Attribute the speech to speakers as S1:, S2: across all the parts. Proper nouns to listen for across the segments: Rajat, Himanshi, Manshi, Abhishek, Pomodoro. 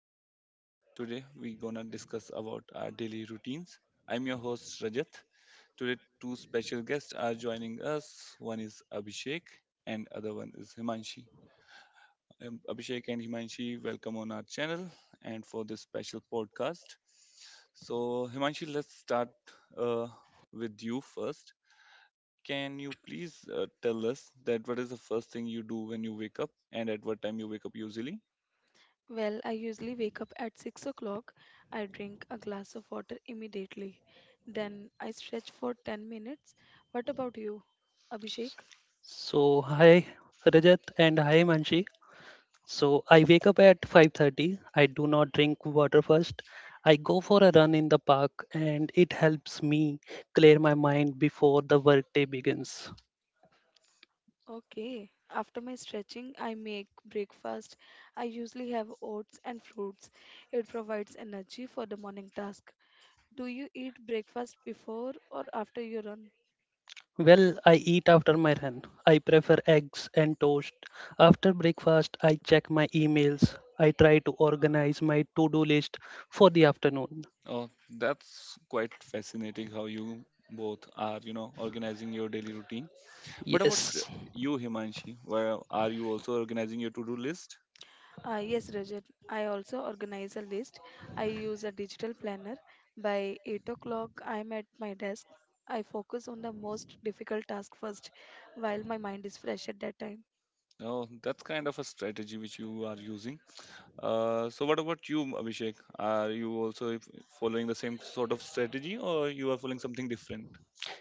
S1: program. Today we gonna discuss about our daily routines. I'm your host Rajat. Today two special guests are joining us. One is Abhishek and other one is Himanshi. Abhishek and Himanshi, welcome on our channel and for this special podcast. So Himanshi, let's start uh, with you first. Can you please tell us that what is the first thing you do when you wake up and at what time you wake up usually?
S2: So hi Rajat and hi Manshi. So I wake up at 5:30. I do not drink water first. I go for a run in the park and it helps me clear my mind before the workday begins. Well, I eat after my run. I prefer eggs and toast. After breakfast, I check my emails. I try to organize my to-do list for the afternoon.
S1: Oh, that's quite fascinating how you both are, organizing your daily routine. What about
S2: Yes.
S1: you, Himanshi? Where are you also organizing your to-do list? Oh, that's kind of a strategy which you are using. So what about you, Abhishek? Are you also following the same sort of strategy, or you are following something different?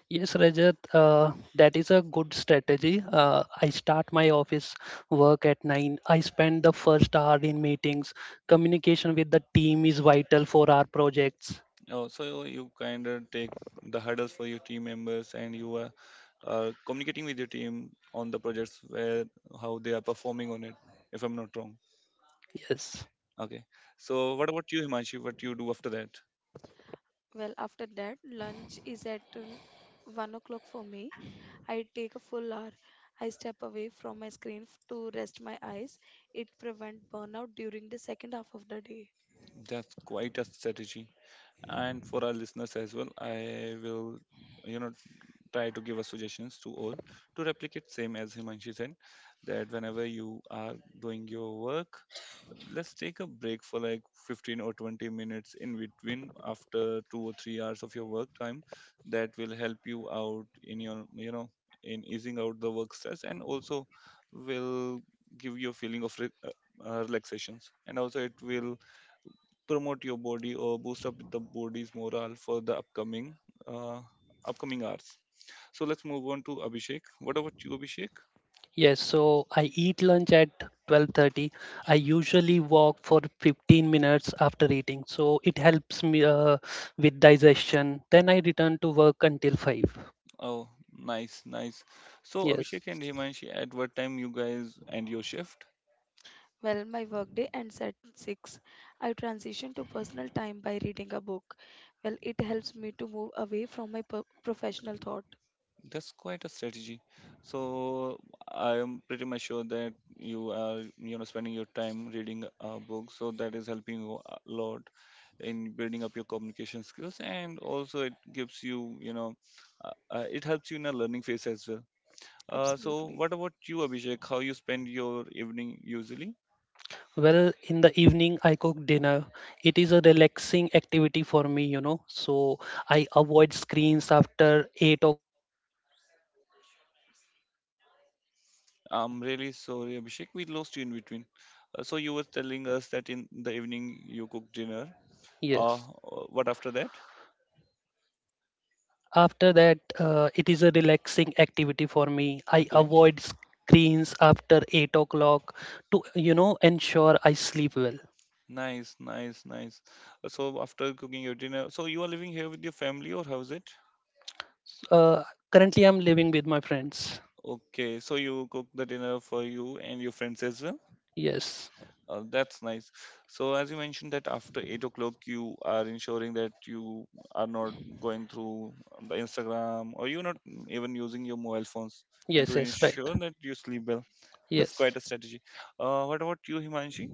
S2: Yes, Rajat, that is a good strategy. I start my office work at 9. I spend the first hour in meetings. Communication with the team is vital for our projects.
S1: Oh, so you kind of take the hurdles for your team members, and you are communicating with your team on the projects where how they are performing on it. If I'm not wrong.
S2: Yes.
S1: Okay. So what about you, Himanshi? What you do after that? That's quite a strategy. And for our listeners as well, I will, you know, try to give us suggestions to all to replicate same as Himanshi said, that whenever you are doing your work, let's take a break for like 15 or 20 minutes in between after 2 or 3 hours of your work time that will help you out in your in easing out the work stress, and also will give you a feeling of relaxations, and also it will promote your body or boost up the body's morale for the upcoming uh, upcoming hours. So let's move on to Abhishek. What about you, Abhishek?
S2: Yes, so I eat lunch at 12:30. I usually walk for 15 minutes after eating. So it helps me with digestion. Then I return to work until 5.
S1: Oh, nice, nice. So,
S2: Yes.
S1: Abhishek and Himanshi, at what time you guys end your shift? That's quite a strategy. So, I am pretty much sure that you are, spending your time reading a book. So that is helping you a lot in building up your communication skills, and also it gives you, it helps you in a learning phase as well. So, what about you, Abhishek? How you spend your evening usually?
S2: Well, in the evening, I cook dinner. It is a relaxing activity for me. So I avoid screens after 8 o'clock to ensure I sleep well.
S1: I'm really sorry, Abhishek. We lost you in between. So you were telling us that in the evening you cook dinner. Uh,
S2: Yes.
S1: uh, what after that?
S2: After that, it is a relaxing activity for me. I
S1: Okay.
S2: avoid screens after 8 o'clock to, you know, ensure I sleep well.
S1: Nice, nice, nice. So after cooking your dinner, so you are living here with your family, or how is it?
S2: Uh, Currently, I'm living with my friends.
S1: Okay. So you cook the dinner for you and your friends as well.
S2: Yes.
S1: That's nice. So, as you mentioned that after 8 o'clock, you are ensuring that you are not going through the Instagram or you're not even using your mobile phones, and
S2: Yes,
S1: to
S2: yes, right.
S1: ensure that you sleep well. That's quite
S2: Yes.
S1: a strategy. What about you, Himanshi?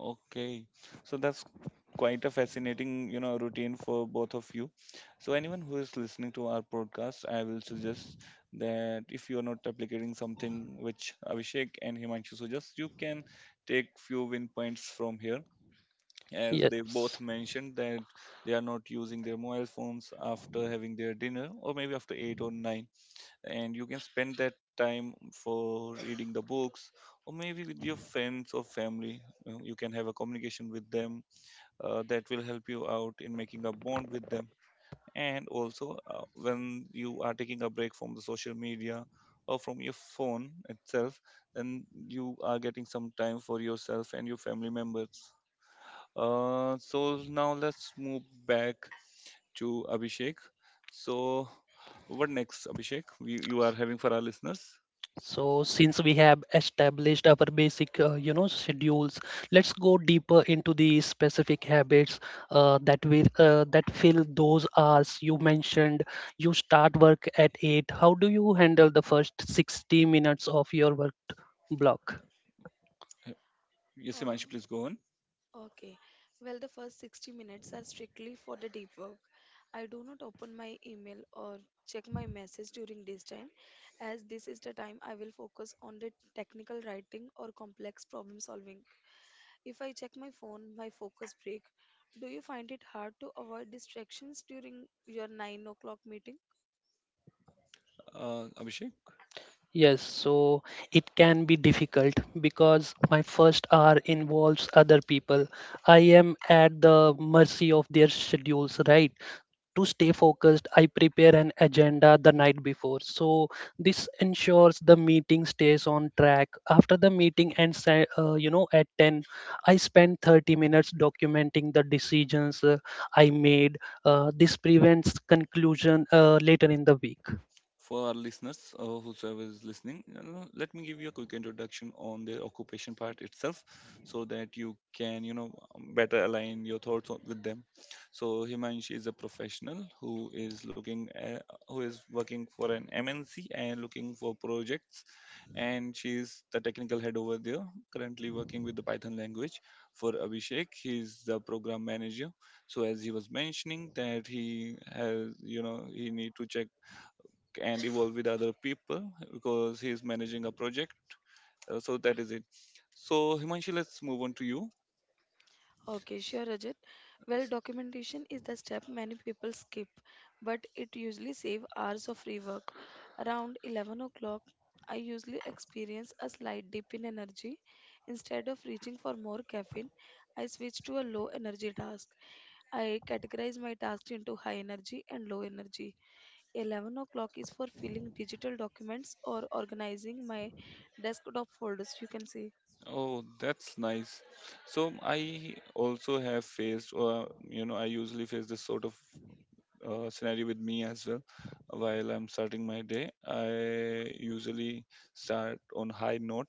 S1: Okay, so that's quite a fascinating, routine for both of you. So anyone who is listening to our podcast, I will suggest that if you are not replicating something which Abhishek and Himanshu suggest, you can take few win points from here, as they
S2: Yes.
S1: both mentioned that they are not using their mobile phones after having their dinner or maybe after eight or nine, and you can spend that time for reading the books or maybe with your friends or family. You you can have a communication with them, that will help you out in making a bond with them. And also, when you are taking a break from the social media or from your phone itself, then you are getting some time for yourself and your family members. So now let's move back to Abhishek. So what next, Abhishek, you are having for our listeners?
S2: So, since we have established our basic schedules, let's go deeper into the specific habits that fill those hours you mentioned. You start work at eight. How do you handle the first 60 minutes of your work block?
S1: Yes, Himanshu, please go on. Abhishek?
S2: Yes, so it can be difficult because my first hour involves other people. I am at the mercy of their schedules, right? To stay focused, I prepare an agenda the night before. So this ensures the meeting stays on track. After the meeting ends, at 10, I spend 30 minutes documenting the decisions I made. This prevents conclusion later in the week.
S1: For our listeners, whosoever is listening, let me give you a quick introduction on the occupation part itself, so that you can better align your thoughts with them. So Himanshi is a professional who is looking at, who is working for an MNC and looking for projects, and she's the technical head over there, currently working with the Python language. For Abhishek, he's the program manager. So as he was mentioning that he has, he need to check and evolve with other people because he's managing a project. So that is it. So Himanshi, let's move on to you. Oh, that's nice. So I also have faced, or I usually face this sort of scenario with me as well. While I'm starting my day, I usually start on high note,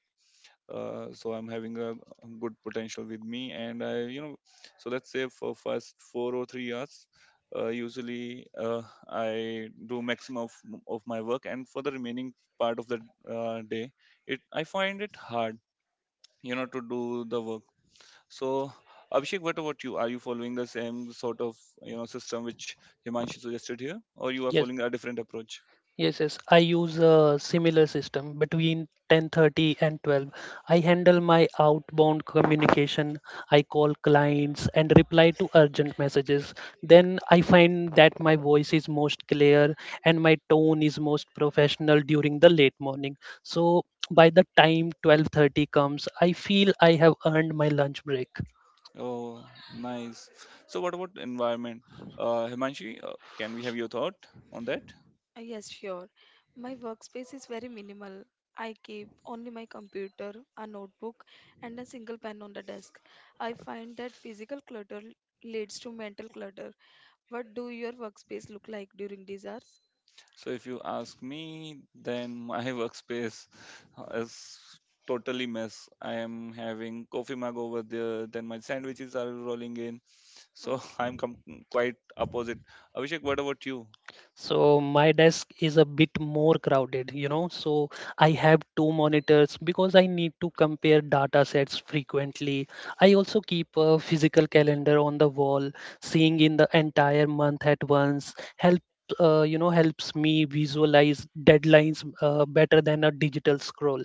S1: so I'm having a good potential with me, and I, so let's say for first 4 or 3 years, usually I do maximum of my work, and for the remaining part of the day, it I find it hard, to do the work. So Abhishek, what about you? Are you following the same sort of system which Himanshi suggested here, or you are
S2: Yes.
S1: following a different approach?
S2: Yes, yes. I use a similar system between 10:30 and 12. I handle my outbound communication. I call clients and reply to urgent messages. Then I find that my voice is most clear and my tone is most professional during the late morning. So by the time 12:30 comes, I feel I have earned my lunch break.
S1: Oh, nice. So, what about environment? Himanshi, can we have your thought on that? So, if you ask me, then my workspace is totally mess. I am having coffee mug over there, then my sandwiches are rolling in. So, I'm quite opposite. Abhishek, what about you?
S2: So my desk is a bit more crowded. So I have two monitors because I need to compare data sets frequently. I also keep a physical calendar on the wall, seeing in the entire month at once help helps me visualize deadlines better than a digital scroll.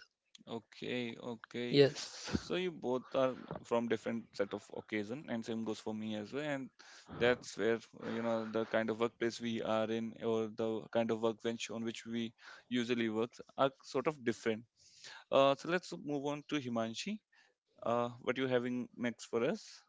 S1: Okay, okay.
S2: Yes,
S1: So you both are from different set of occasion, and same goes for me as well. And that's where the kind of workplace we are in, or the kind of workbench on which we usually work, are sort of different. So let's move on to Himanshi. What you having next for us?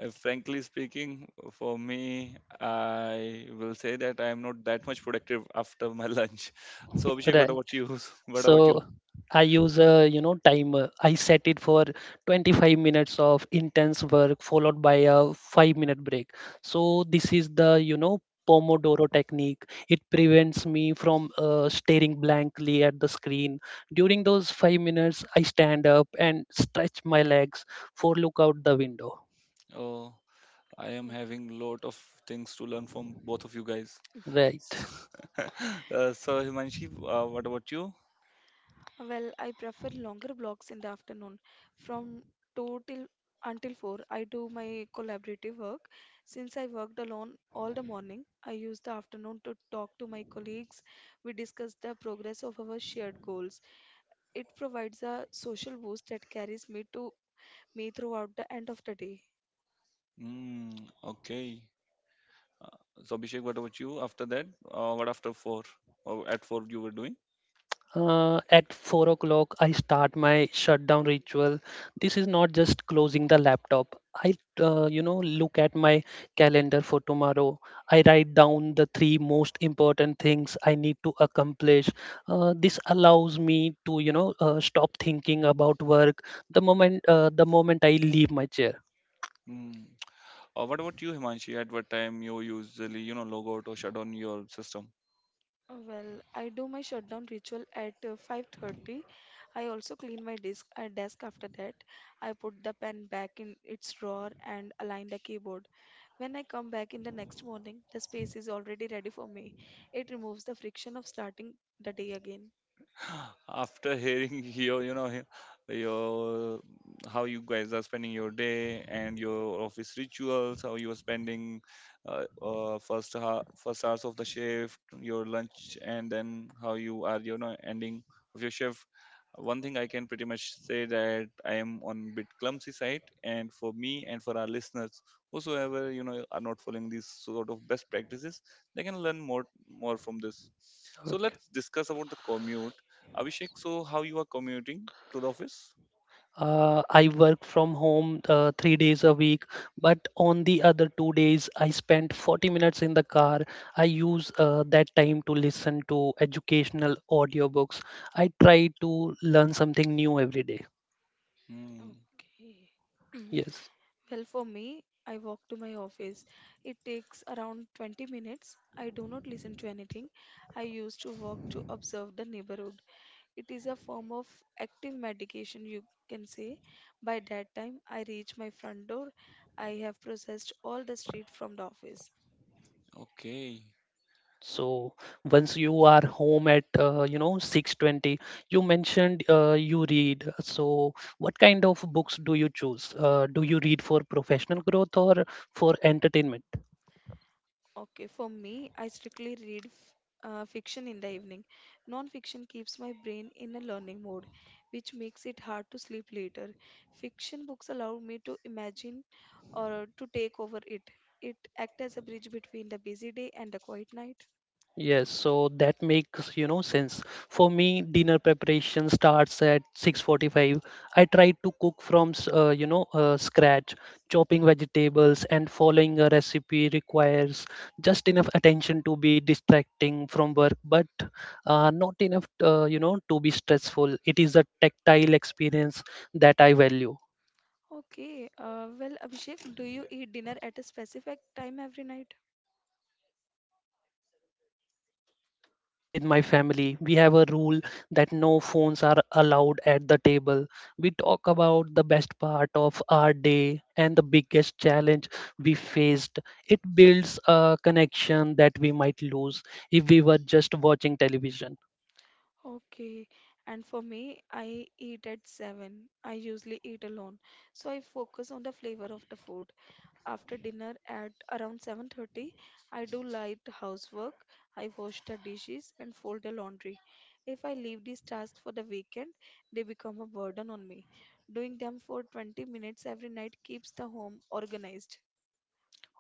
S1: Frankly speaking, for me, I will say that I am not that much productive after my lunch. So Abhishek, what
S2: right.
S1: about you? What about you?
S2: So I use a timer. I set it for 25 minutes of intense work followed by a 5-minute break. So this is the Pomodoro technique. It prevents me from staring blankly at the screen. During those 5 minutes I stand up and stretch my legs for look out the window.
S1: Oh. I am having lot of things to learn from both of you guys.
S2: Right.
S1: So Himanshi, what about you? Mm, okay. Uh, so Abhishek, what about you? After that, what after four? Or at four you were doing?
S2: At 4 o'clock, I start my shutdown ritual. This is not just closing the laptop. I look at my calendar for tomorrow. I write down the three most important things I need to accomplish. This allows me to, you know, stop thinking about work the moment I leave my chair.
S1: Mm. What about you, Himanshi? At what time you usually, log out or shut down your system? After hearing your, your, how you guys are spending your day and your office rituals, how you are spending first hours of the shift, your lunch, and then how you are, ending of your shift, one thing I can pretty much say that I am on bit clumsy side. And for me and for our listeners, whosoever, are not following these sort of best practices, they can learn more from this. So
S2: Okay.
S1: let's discuss about the commute. Abhishek, so how you are commuting to the office?
S2: I work from home 3 days a week, but on the other 2 days, I spend 40 minutes in the car. I use that time to listen to educational audiobooks. I try to learn something new every day.
S1: Hmm,
S2: Yes.
S1: okay.
S2: So once you are home at 6:20, you mentioned you read. So what kind of books do you choose? Do you read for professional growth or for entertainment? Yes, so that makes, you know, sense. For me, dinner preparation starts at 6:45. I try to cook from scratch. Chopping vegetables and following a recipe requires just enough attention to be distracting from work, but not enough, you know, to be stressful. It is a tactile experience that I value. Yes, at 7:30 I eat with my family. We have a rule that no phones are allowed at the table. We talk about the best part of our day and the biggest challenge we faced. It builds a connection that we might lose if we were just watching television.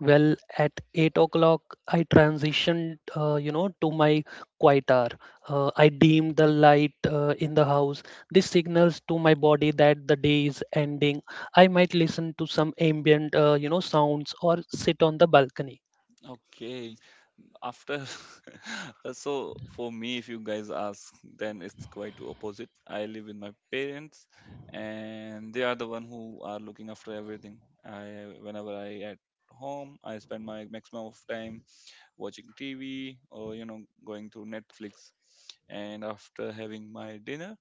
S2: Well, at 8 o'clock, I transitioned to my quiet hour. I dimmed the light in the house. This signals to my body that the day is ending. I might listen to some ambient sounds or sit on the balcony.
S1: Okay. After so for me, if you guys ask, then it's quite opposite. I live with my parents and they are the one who are looking after everything. I, whenever I at home, I spend my maximum of time watching TV or going through Netflix. And after having my dinner,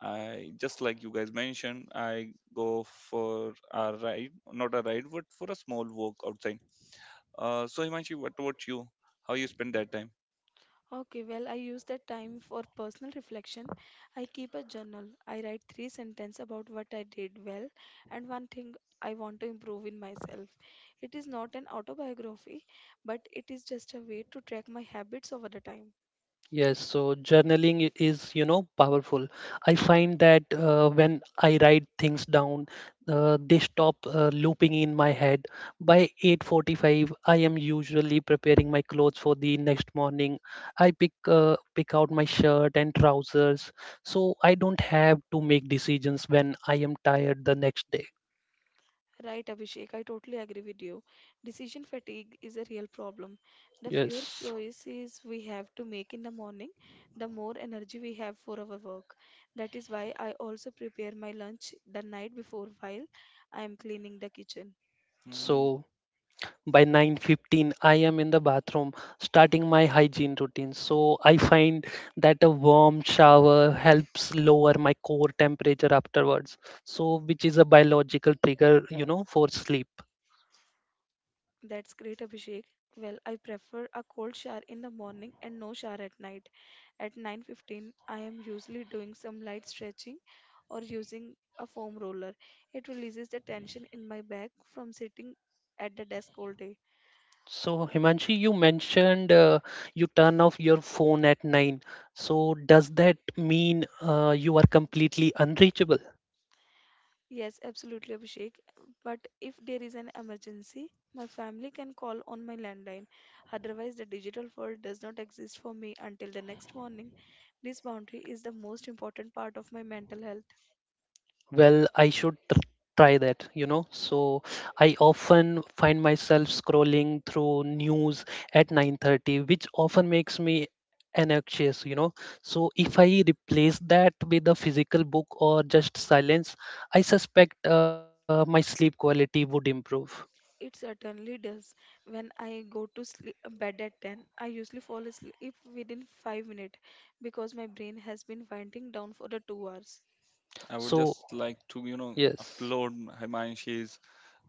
S1: I, just like you guys mentioned, I go for a ride, not a ride, but for a small walk outside. So Himanshi, what about you? How you spend that time?
S2: Yes, so journaling is powerful. I find that when I write things down, they stop looping in my head. By 8:45, I am usually preparing my clothes for the next morning. I pick out my shirt and trousers, so I don't have to make decisions when I am tired the next day. Yes.
S1: Hmm,
S2: So by 9:15 I am in the bathroom starting my hygiene routine. So I find that a warm shower helps lower my core temperature afterwards. So which is a biological trigger, you know, for sleep. So Himanshi, you mentioned you turn off your phone at 9. So does that mean you are completely unreachable? Well, try that, you know. So I often find myself scrolling through news at 9:30, which often makes me anxious, you know. So if I replace that with a physical book or just silence, I suspect my sleep quality would improve.
S1: I would
S2: So
S1: just like to,
S2: yes,
S1: upload Himanshi's,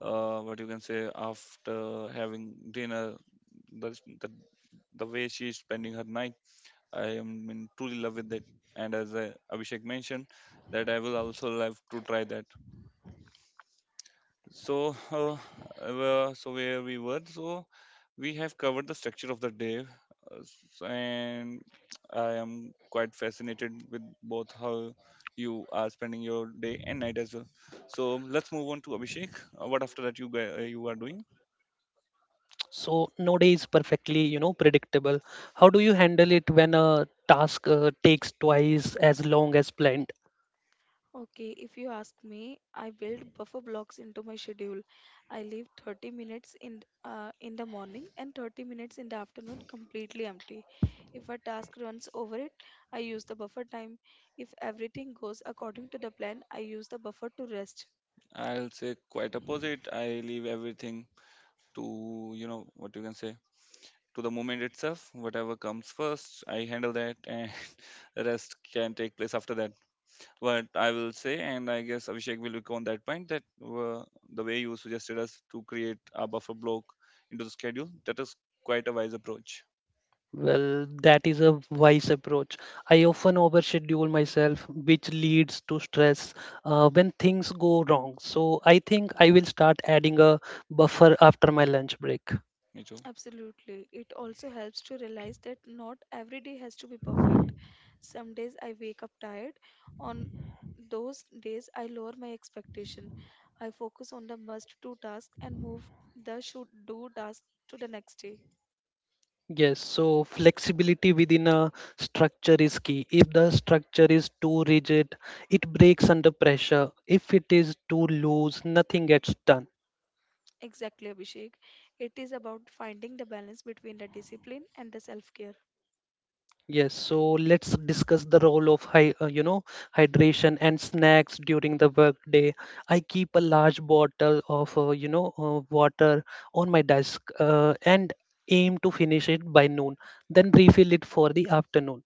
S1: what you can say after having dinner, the the, the way she's spending her night. I am in truly love with it. And as I, Abhishek mentioned, that I will also love to try that. So, where we were, so we have covered the structure of the day, and I am quite fascinated with both how you are spending your day and night as well. So let's move on to Abhishek. What after that you are doing?
S2: so no day is perfectly, you know, predictable. How do you handle it when a task takes twice as long as planned?
S1: I'll say quite opposite. I leave everything to, what you can say, to the moment itself. Whatever comes first, I handle that, and the rest can take place after that. What I will say, and I guess Abhishek will look on that point, that the way you suggested us to create a buffer block into the schedule, that is quite a wise approach.
S2: Well, that is a wise approach. I often overschedule myself, which leads to stress when things go wrong. So I think I will start adding a buffer after my lunch break.
S1: Me too.
S2: Yes, so flexibility within a structure is key. If the structure is too rigid, it breaks under pressure. If it is too loose, nothing gets done. Yes, so let's discuss the role of hydration and snacks during the workday. I keep a large bottle of water on my desk and aim to finish it by noon, then refill it for the afternoon.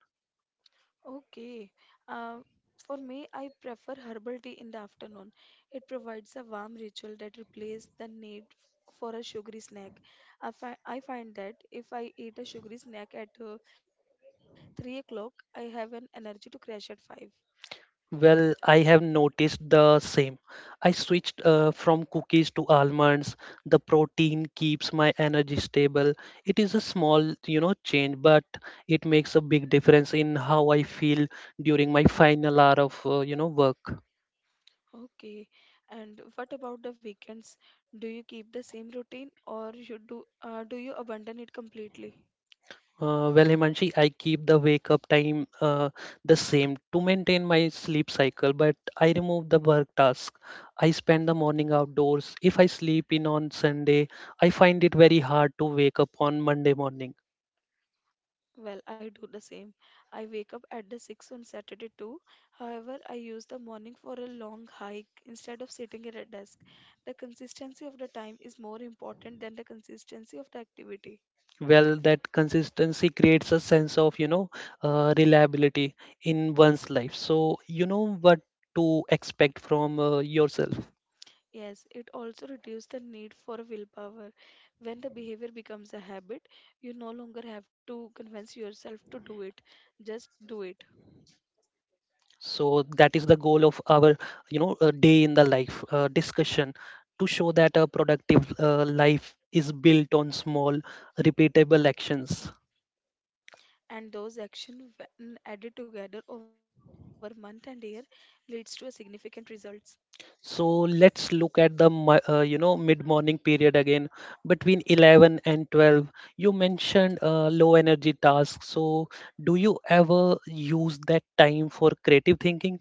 S2: Well, I have noticed the same. I switched from cookies to almonds. The protein keeps my energy stable. It is a small, you know, change, but it makes a big difference in how I feel during my final hour of, work. Well, Himanshi, I keep the wake up time the same to maintain my sleep cycle, but I remove the work task. I spend the morning outdoors. If I sleep in on Sunday, I find it very hard to wake up on Monday morning. Well, that consistency creates a sense of, you know, reliability in one's life. So, you know what to expect from yourself. So that is the goal of our, you know, day in the life discussion to show that a productive life is built on small, repeatable actions. So let's look at the, mid-morning period again between 11 and 12. You mentioned low energy tasks. So do you ever use that time for creative thinking?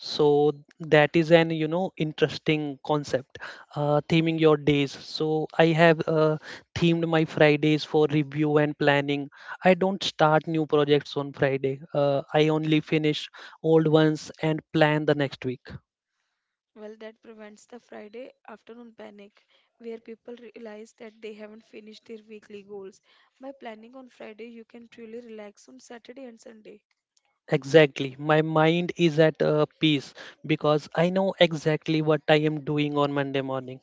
S2: So that is an interesting concept, theming your days. So I have themed my Fridays for review and planning. I don't start new projects on Friday. I only finish old ones and plan the next week. Exactly. My mind is at peace because I know exactly what I am doing on Monday morning.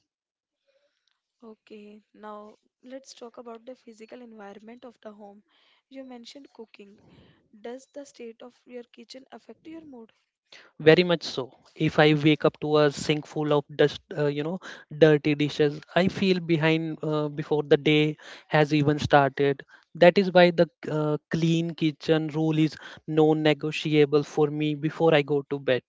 S2: Very much so. If I wake up to a sink full of dirty dishes, I feel behind before the day has even started. That is why the clean kitchen rule is non-negotiable for me before I go to bed.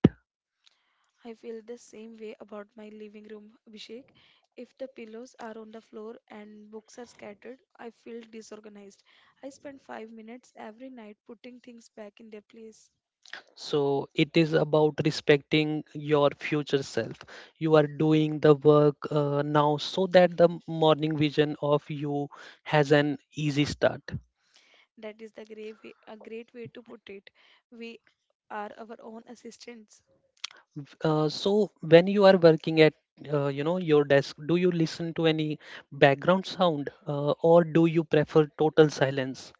S2: So it is about respecting your future self. You are doing the work now so that the morning vision of you has an easy start. So when you are working at your desk, do you listen to any background sound or do you prefer total silence?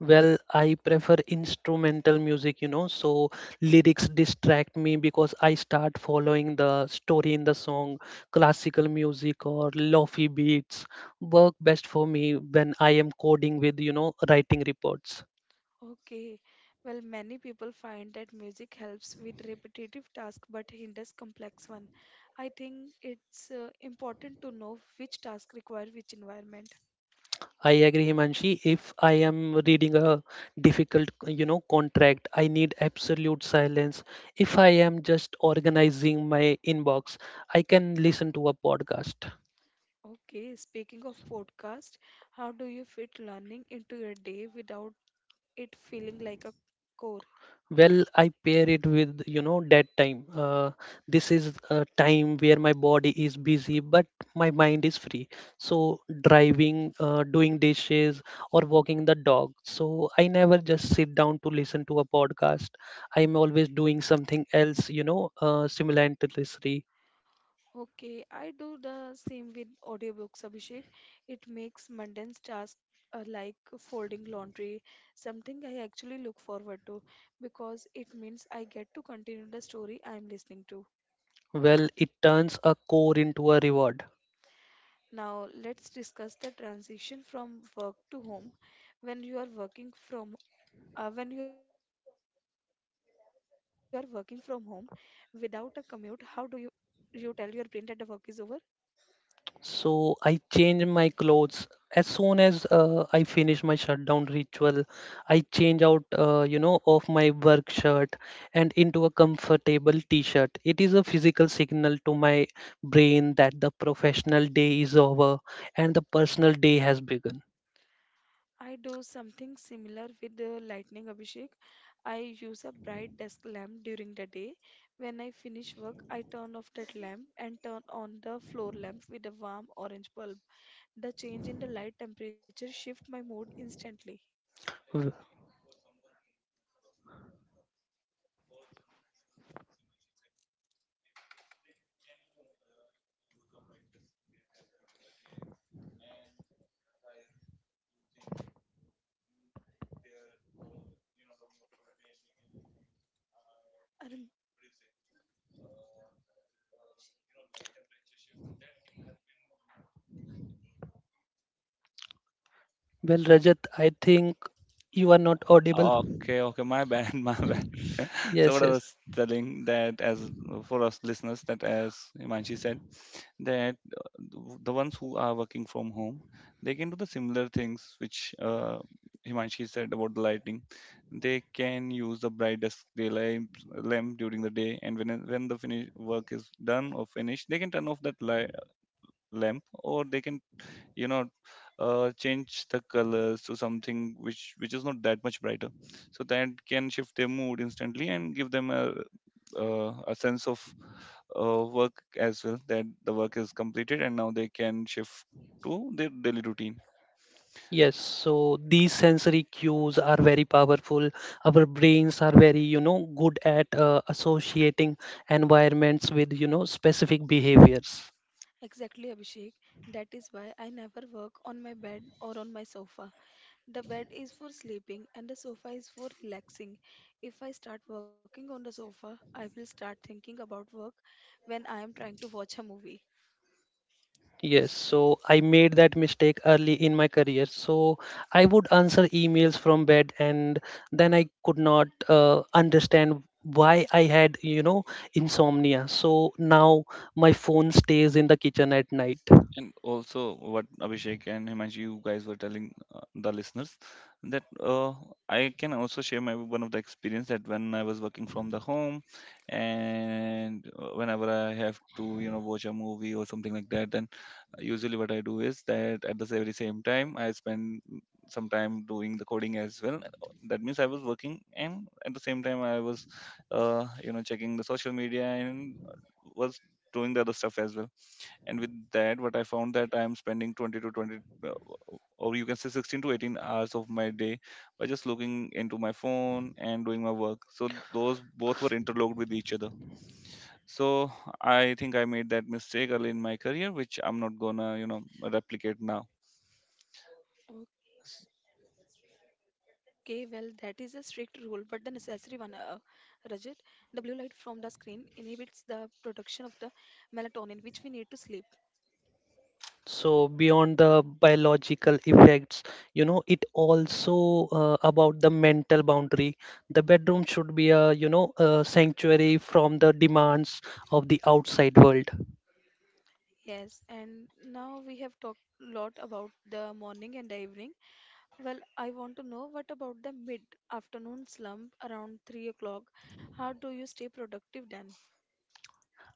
S2: Well, I prefer instrumental music, you know, so lyrics distract me because I start following the story in the song, classical music or lofi beats work best for me when I am coding with, you know, writing reports. I agree, Himanshi. If I am reading a difficult, you know, contract, I need absolute silence. If I am just organizing my inbox, I can listen to a podcast. Well, I pair it with that time. This is a time where my body is busy but my mind is free. So driving, doing dishes or walking the dog. So I never just sit down to listen to a podcast. I'm always doing something else, simultaneously. Well, it turns a core into a reward. So I change my clothes as soon as I finish my shutdown ritual. I change out, of my work shirt and into a comfortable t-shirt. It is a physical signal to my brain that the professional day is over and the personal day has begun. W- Well, Rajat, I think you are not audible.
S1: Okay, okay, my bad, my bad. So
S2: Yes,
S1: what I
S2: yes.
S1: was telling, that as for us listeners, that as Himanshi said, that the ones who are working from home, they can do the similar things which Himanshi said about the lighting. They can use the brightest daylight lamp during the day, and when the finish work is done or finished, they can turn off that lamp, or they can, you know change the colors to something which is not that much brighter, so that can shift their mood instantly, and give them a a sense of work as well, that the work is completed and now they can shift to their daily routine.
S2: Yes, so these sensory cues are very powerful. Our brains are very, good at associating environments with, specific behaviors. Yes, so I made that mistake early in my career. So I would answer emails from bed, and then I could not understand why I had, insomnia. So now my phone stays in the kitchen at night.
S1: And also, what Abhishek and Himanshi, you guys were telling the listeners, that I can also share my one of the experience, that when I was working from the home, and whenever I have to, watch a movie or something like that, then usually what I do is that at the very same time I spend some time doing the coding as well. That means I was working, and at the same time I was, checking the social media, and was doing the other stuff as well, and with that what I found that I am spending 20 to 20, uh, or you can say, 16 to 18 hours of my day by just looking into my phone and doing my work, so those both were interlocked with each other. So I think I made that mistake early in my career, which I'm not gonna, replicate now.
S2: So beyond the biological effects, it also about the mental boundary. The bedroom should be a, a sanctuary from the demands of the outside world.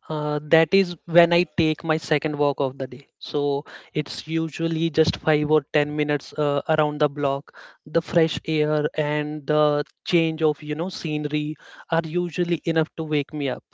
S2: That is when I take my second walk of the day. So it's usually just 5 or 10 minutes around the block. The fresh air and the change of, scenery are usually enough to wake me up.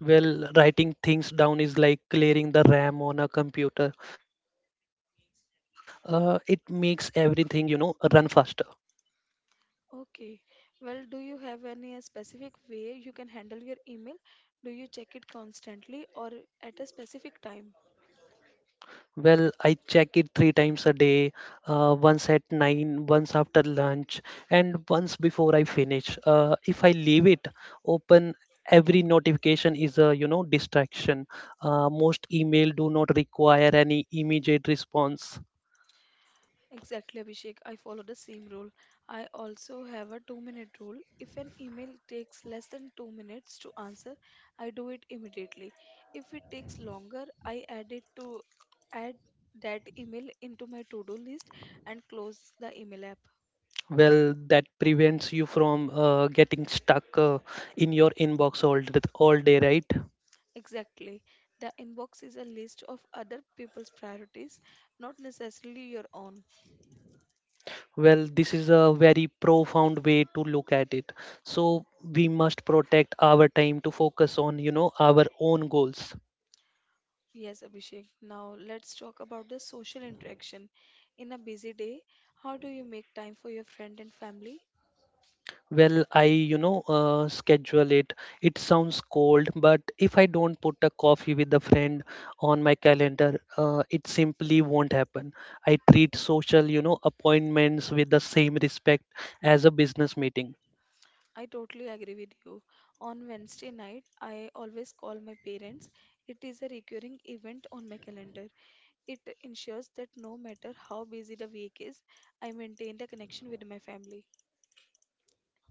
S2: Well, writing things down is like clearing the RAM on a computer. It makes everything, run faster. Well, I check it three times a day, once at nine, once after lunch, and once before I finish. If I leave it open, every notification is a, distraction. Most email do not require any immediate response. Well, that prevents you from getting stuck in your inbox all day, right? Well, this is a very profound way to look at it. So we must protect our time to focus on, our own goals. Well, I schedule it. It sounds cold, but if I don't put a coffee with a friend on my calendar, it simply won't happen. I treat social, appointments with the same respect as a business meeting.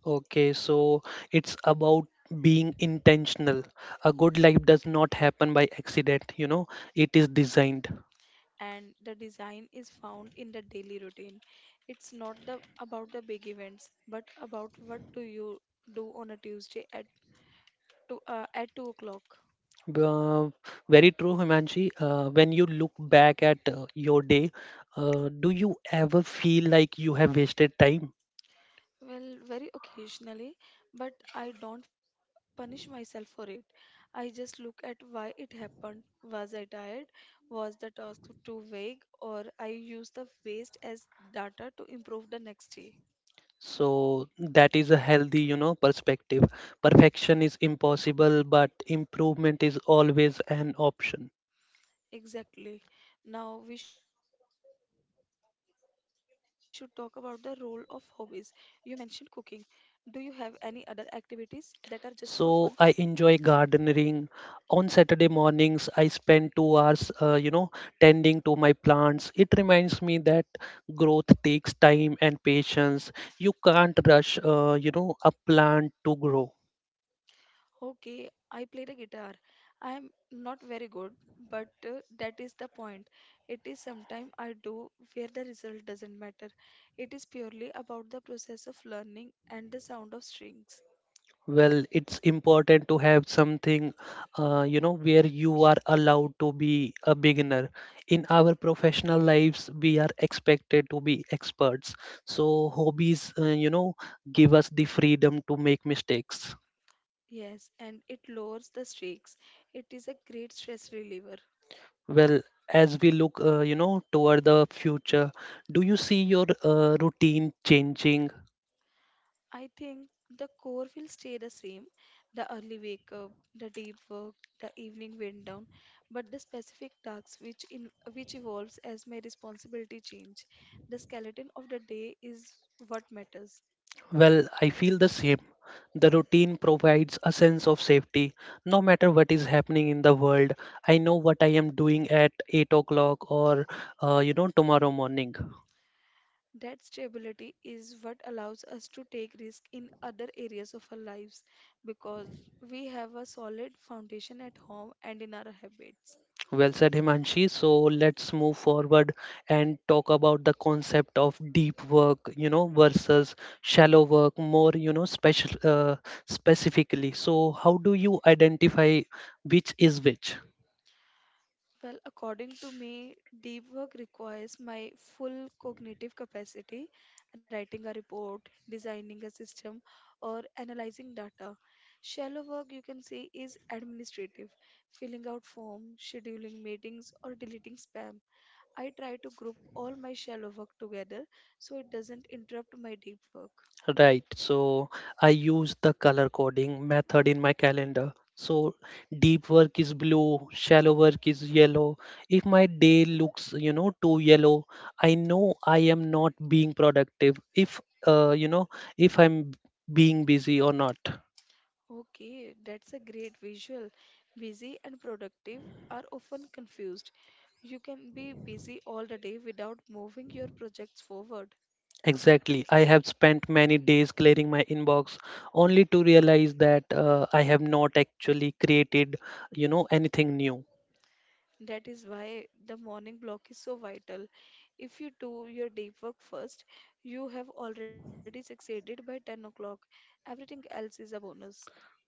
S2: Okay, so it's about being intentional. A good life does not happen by accident, it is designed. Uh, Very true, Himanshi. When you look back at your day, do you ever feel like you have wasted time? So that is a healthy, perspective. Perfection is impossible, but improvement is always an option. So I enjoy gardening. On Saturday mornings, I spend 2 hours, tending to my plants. It reminds me that growth takes time and patience. You can't rush, a plant to grow. Well, it's important to have something, where you are allowed to be a beginner. In our professional lives, we are expected to be experts. So hobbies, give us the freedom to make mistakes. Well, as we look, toward the future, do you see your routine changing? Well, I feel the same. The routine provides a sense of safety. No matter what is happening in the world, I know what I am doing at 8 o'clock or, tomorrow morning. Well said, Himanshi. So let's move forward and talk about the concept of deep work, versus shallow work, more, you know, special specifically. So how do you identify which is which? Right. So I use the color coding method in my calendar. So deep work is blue, shallow work is yellow. If my day looks, too yellow, I know I am not being productive. If, you know, if I'm being busy or not. Exactly. I have spent many days clearing my inbox only to realize that I have not actually created, anything new.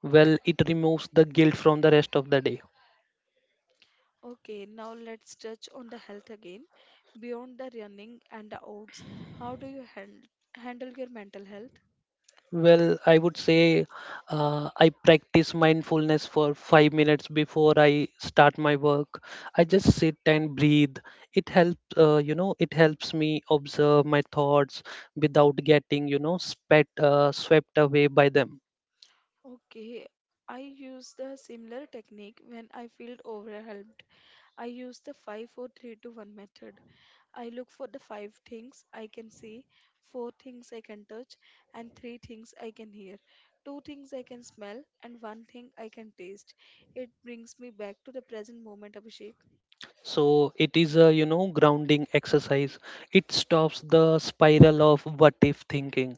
S2: Well, it removes the guilt from the rest of the day. Well, I would say I practice mindfulness for 5 minutes before I start my work. I just sit and breathe. It helps me observe my thoughts without getting, swept away by them. So it is a, grounding exercise. It stops the spiral of what if thinking.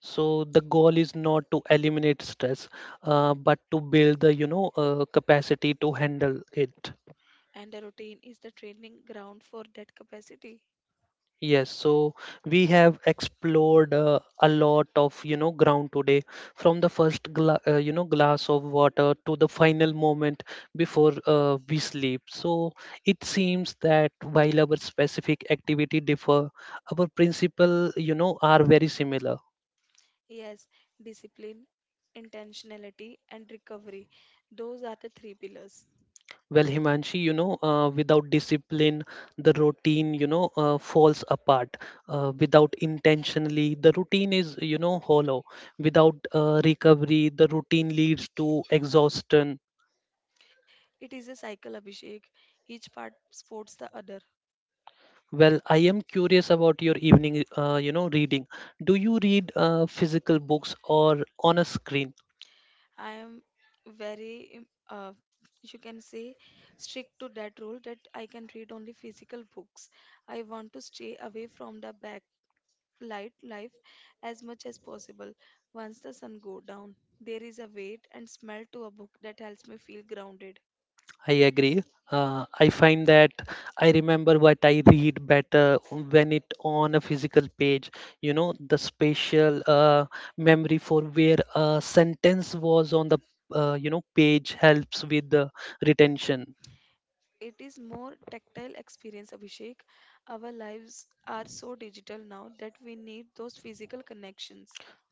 S2: So the goal is not to eliminate stress, but to build the, capacity to handle it. Yes, so we have explored a lot of ground today, from the first glass of water to the final moment before we sleep. So it seems that while our specific activity differ, our principle are very similar. Well, Himanshi, without discipline, the routine, falls apart. Without intentionally, the routine is, hollow. Without recovery, the routine leads to exhaustion. Well, I am curious about your evening, reading. Do you read physical books or on a screen? I agree. I find that I remember what I read better when it on a physical page. You know, the spatial memory for where a sentence was on the page helps with the retention.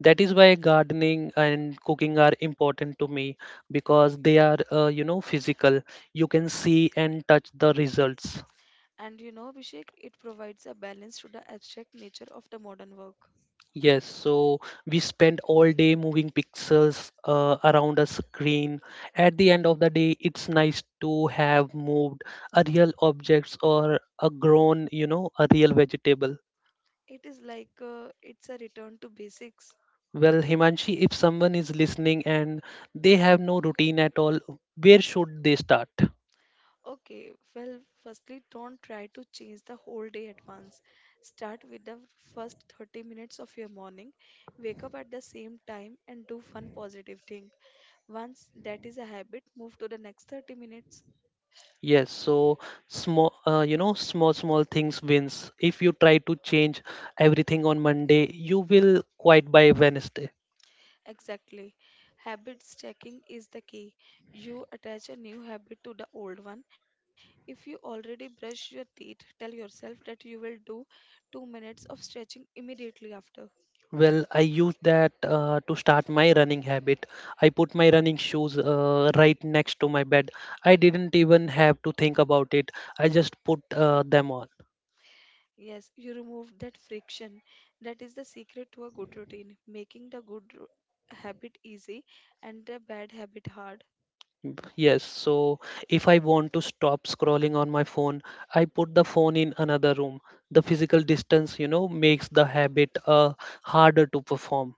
S2: That is why gardening and cooking are important to me because they are physical. You can see and touch the results. Yes, so we spend all day moving pixels around a screen. At the end of the day, it's nice to have moved a real objects or a grown, a real vegetable. Well, Himanshi, if someone is listening and they have no routine at all, where should they start? Yes, so small, small things wins. If you try to change everything on Monday, you will quite by Wednesday. Well, I use that to start my running habit. I put my running shoes right next to my bed. I didn't even have to think about it. I just put them on. Yes, so if I want to stop scrolling on my phone, I put the phone in another room. The physical distance, makes the habit harder to perform.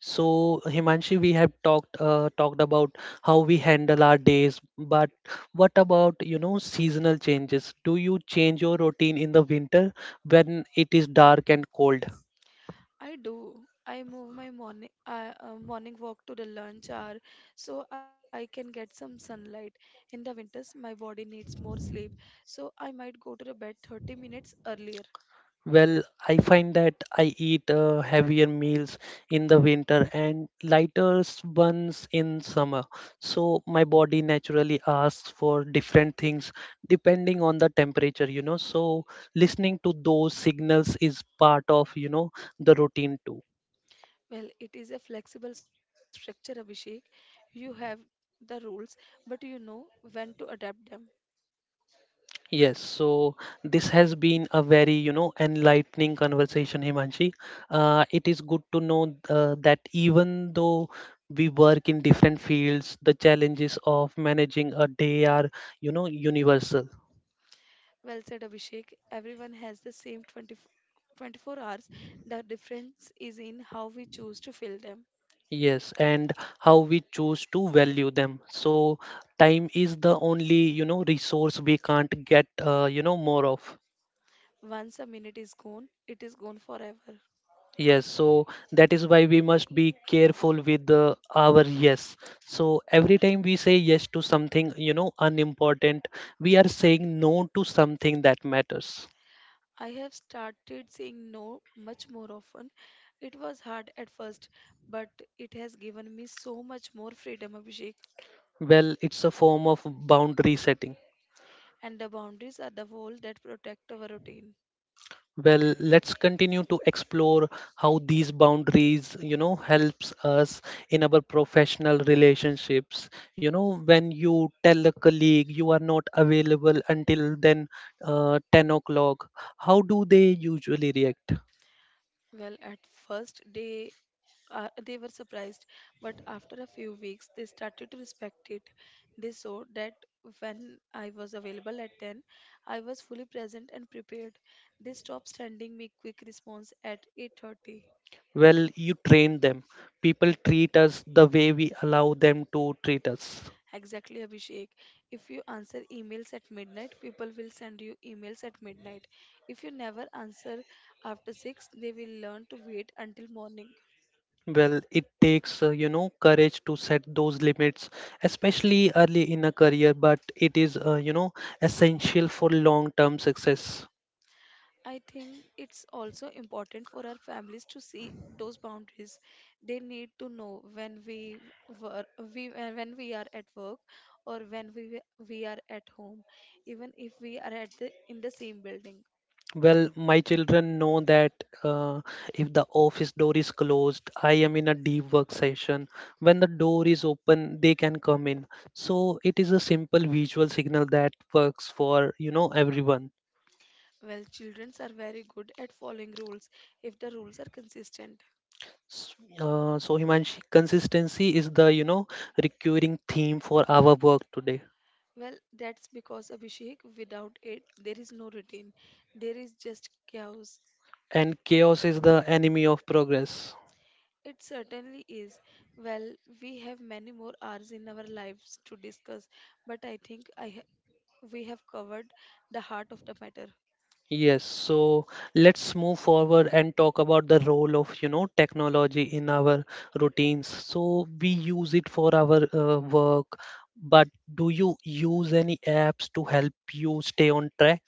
S2: So, Himanshi, we have talked about how we handle our days, but what about, seasonal changes? Do you change your routine in the winter when it is dark and cold? Well, I find that I eat heavier meals in the winter and lighter ones in summer. So my body naturally asks for different things depending on the temperature, So listening to those signals is part of, the routine too. Yes, so this has been a very, enlightening conversation, Himanshi. It is good to know that even though we work in different fields, the challenges of managing a day are, universal. Yes, and how we choose to value them. So time is the only, resource we can't get, more of. Yes, so that is why we must be careful with our yes. So every time we say yes to something, unimportant, we are saying no to something that matters. Well, it's a form of boundary setting. Well, let's continue to explore how these boundaries, helps us in our professional relationships. You know, when you tell a colleague you are not available until then, 10 o'clock, how do they usually react? Well, you train them. People treat us the way we allow them to treat us. Well, it takes, courage to set those limits, especially early in a career, but it is, essential for long-term success. Well, my children know that uh, if the office door is closed, I am in a deep work session. When the door is open, they can come in. So it is a simple visual signal that works for, everyone. So Himanshi, consistency is the, recurring theme for our work today. And chaos is the enemy of progress. Yes, so let's move forward and talk about the role of, technology in our routines. So we use it for our work, but do you use any apps to help you stay on track?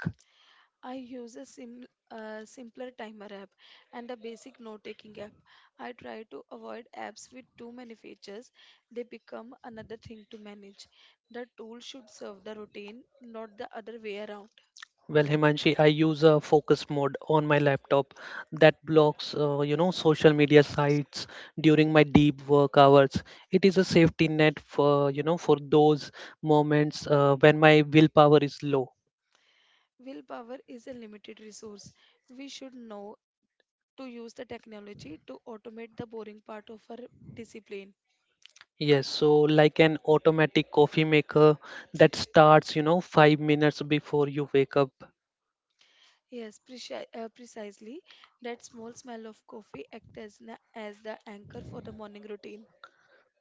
S2: Well, Himanshi, I use a focus mode on my laptop that blocks, social media sites during my deep work hours. It is a safety net for, for those moments when my willpower is low. Yes, so like an automatic coffee maker that starts, 5 minutes before you wake up.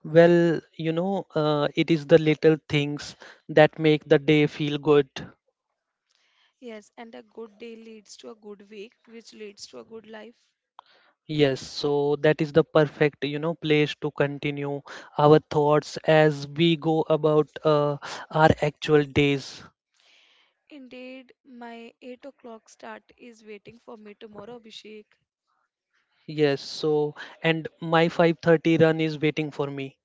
S2: Well, it is the little things that make the day feel good. Yes, so that is the perfect, place to continue our thoughts as we go about our actual days. Yes, so and my 5:30 run is waiting for me.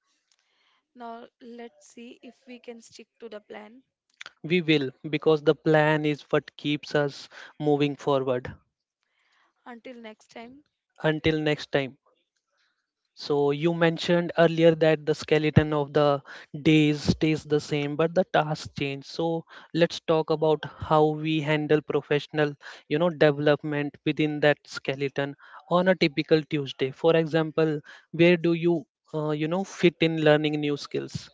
S2: We will because the plan is what keeps us moving forward. Until next time. So you mentioned earlier that the skeleton of the days stays the same, but the tasks change. So let's talk about how we handle professional, development within that skeleton on a typical Tuesday. For example, where do you, fit in learning new skills?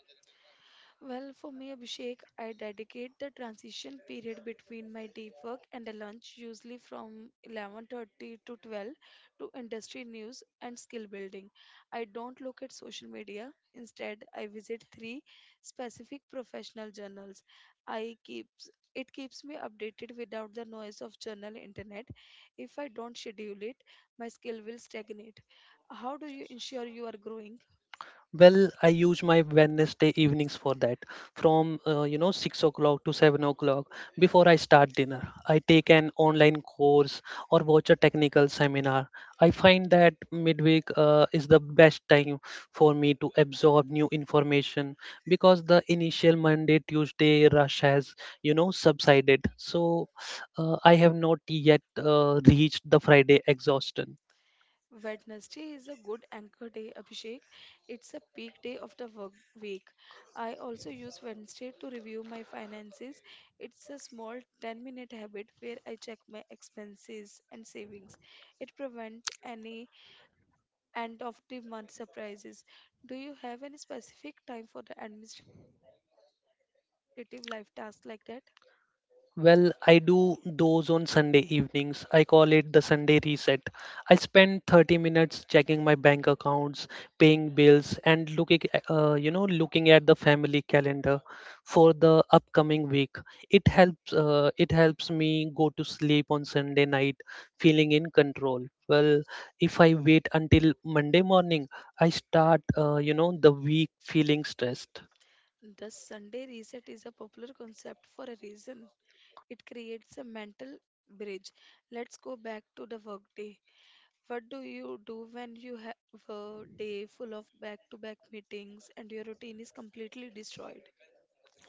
S2: Well, I use my Wednesday evenings for that. From 6 o'clock to 7 o'clock, before I start dinner, I take an online course or watch a technical seminar. I find that midweek is the best time for me to absorb new information because the initial Monday Tuesday rush has subsided. So I have not yet reached the Friday exhaustion. Well, I do those on Sunday evenings. I call it the Sunday reset. I spend 30 minutes checking my bank accounts, paying bills, and looking, looking at the family calendar for the upcoming week. It helps. It helps me go to sleep on Sunday night feeling in control. Well, if I wait until Monday morning, I start, the week feeling stressed.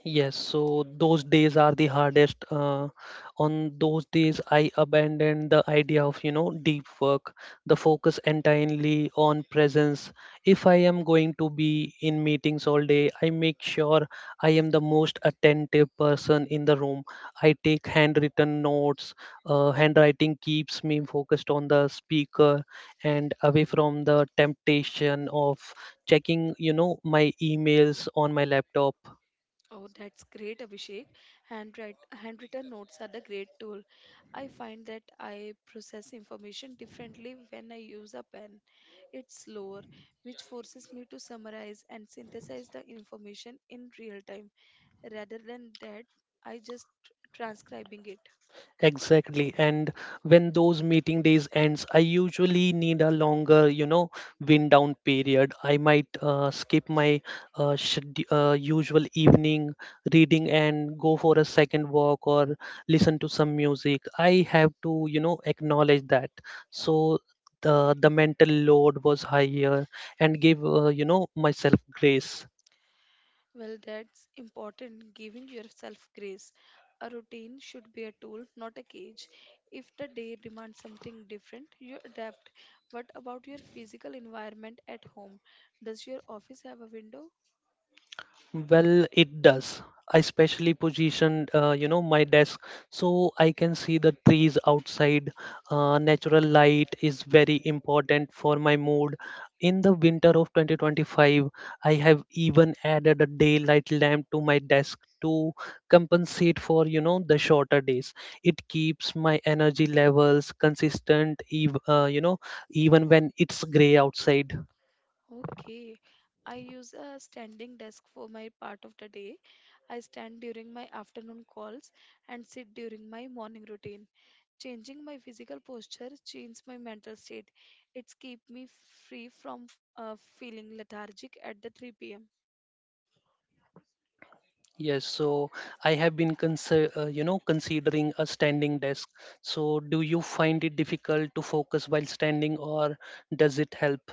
S2: Yes, so those days are the hardest. On those days, I abandoned the idea of, deep work, the focus entirely on presence. If I am going to be in meetings all day, I make sure I am the most attentive person in the room. I take handwritten notes. Handwriting keeps me focused on the speaker and away from the temptation of checking, my emails on my laptop. Exactly. And when those meeting days ends, I usually need a longer, wind down period. I might skip my usual evening reading and go for a second walk or listen to some music. I have to, acknowledge that. So the mental load was higher and give, myself grace. Well, it does. I specially positioned, my desk so I can see the trees outside. Natural light is very important for my mood. In the winter of 2025, I have even added a daylight lamp to my desk to compensate for, the shorter days. It keeps my energy levels consistent, even when it's gray outside. Yes, so I have been considering a standing desk. So do you find it difficult to focus while standing or does it help?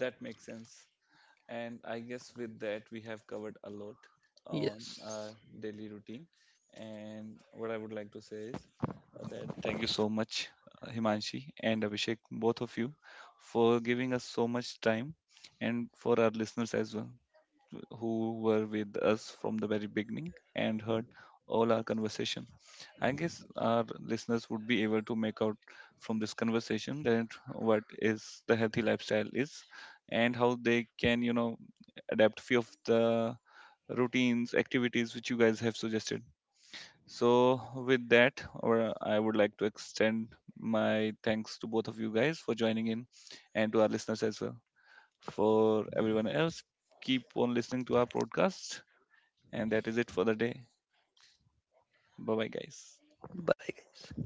S1: That makes sense. And I guess with that, we have covered a lot on our
S2: Yes.
S1: daily routine. And what I would like to say is uh, that thank you so much, Himanshi and Abhishek, both of you, for giving us so much time, and for our listeners as well, who were with us from the very beginning and heard all our conversation. I guess our listeners would be able to make out from this conversation that what is the healthy lifestyle is and how they can, adapt few of the routines, activities which you guys have suggested. So with that, or I would like to extend my thanks to both of you guys for joining in, and to our listeners as well. For everyone else, keep on listening to our podcast. And that is it for the day. Bye bye, guys.
S2: Bye, guys.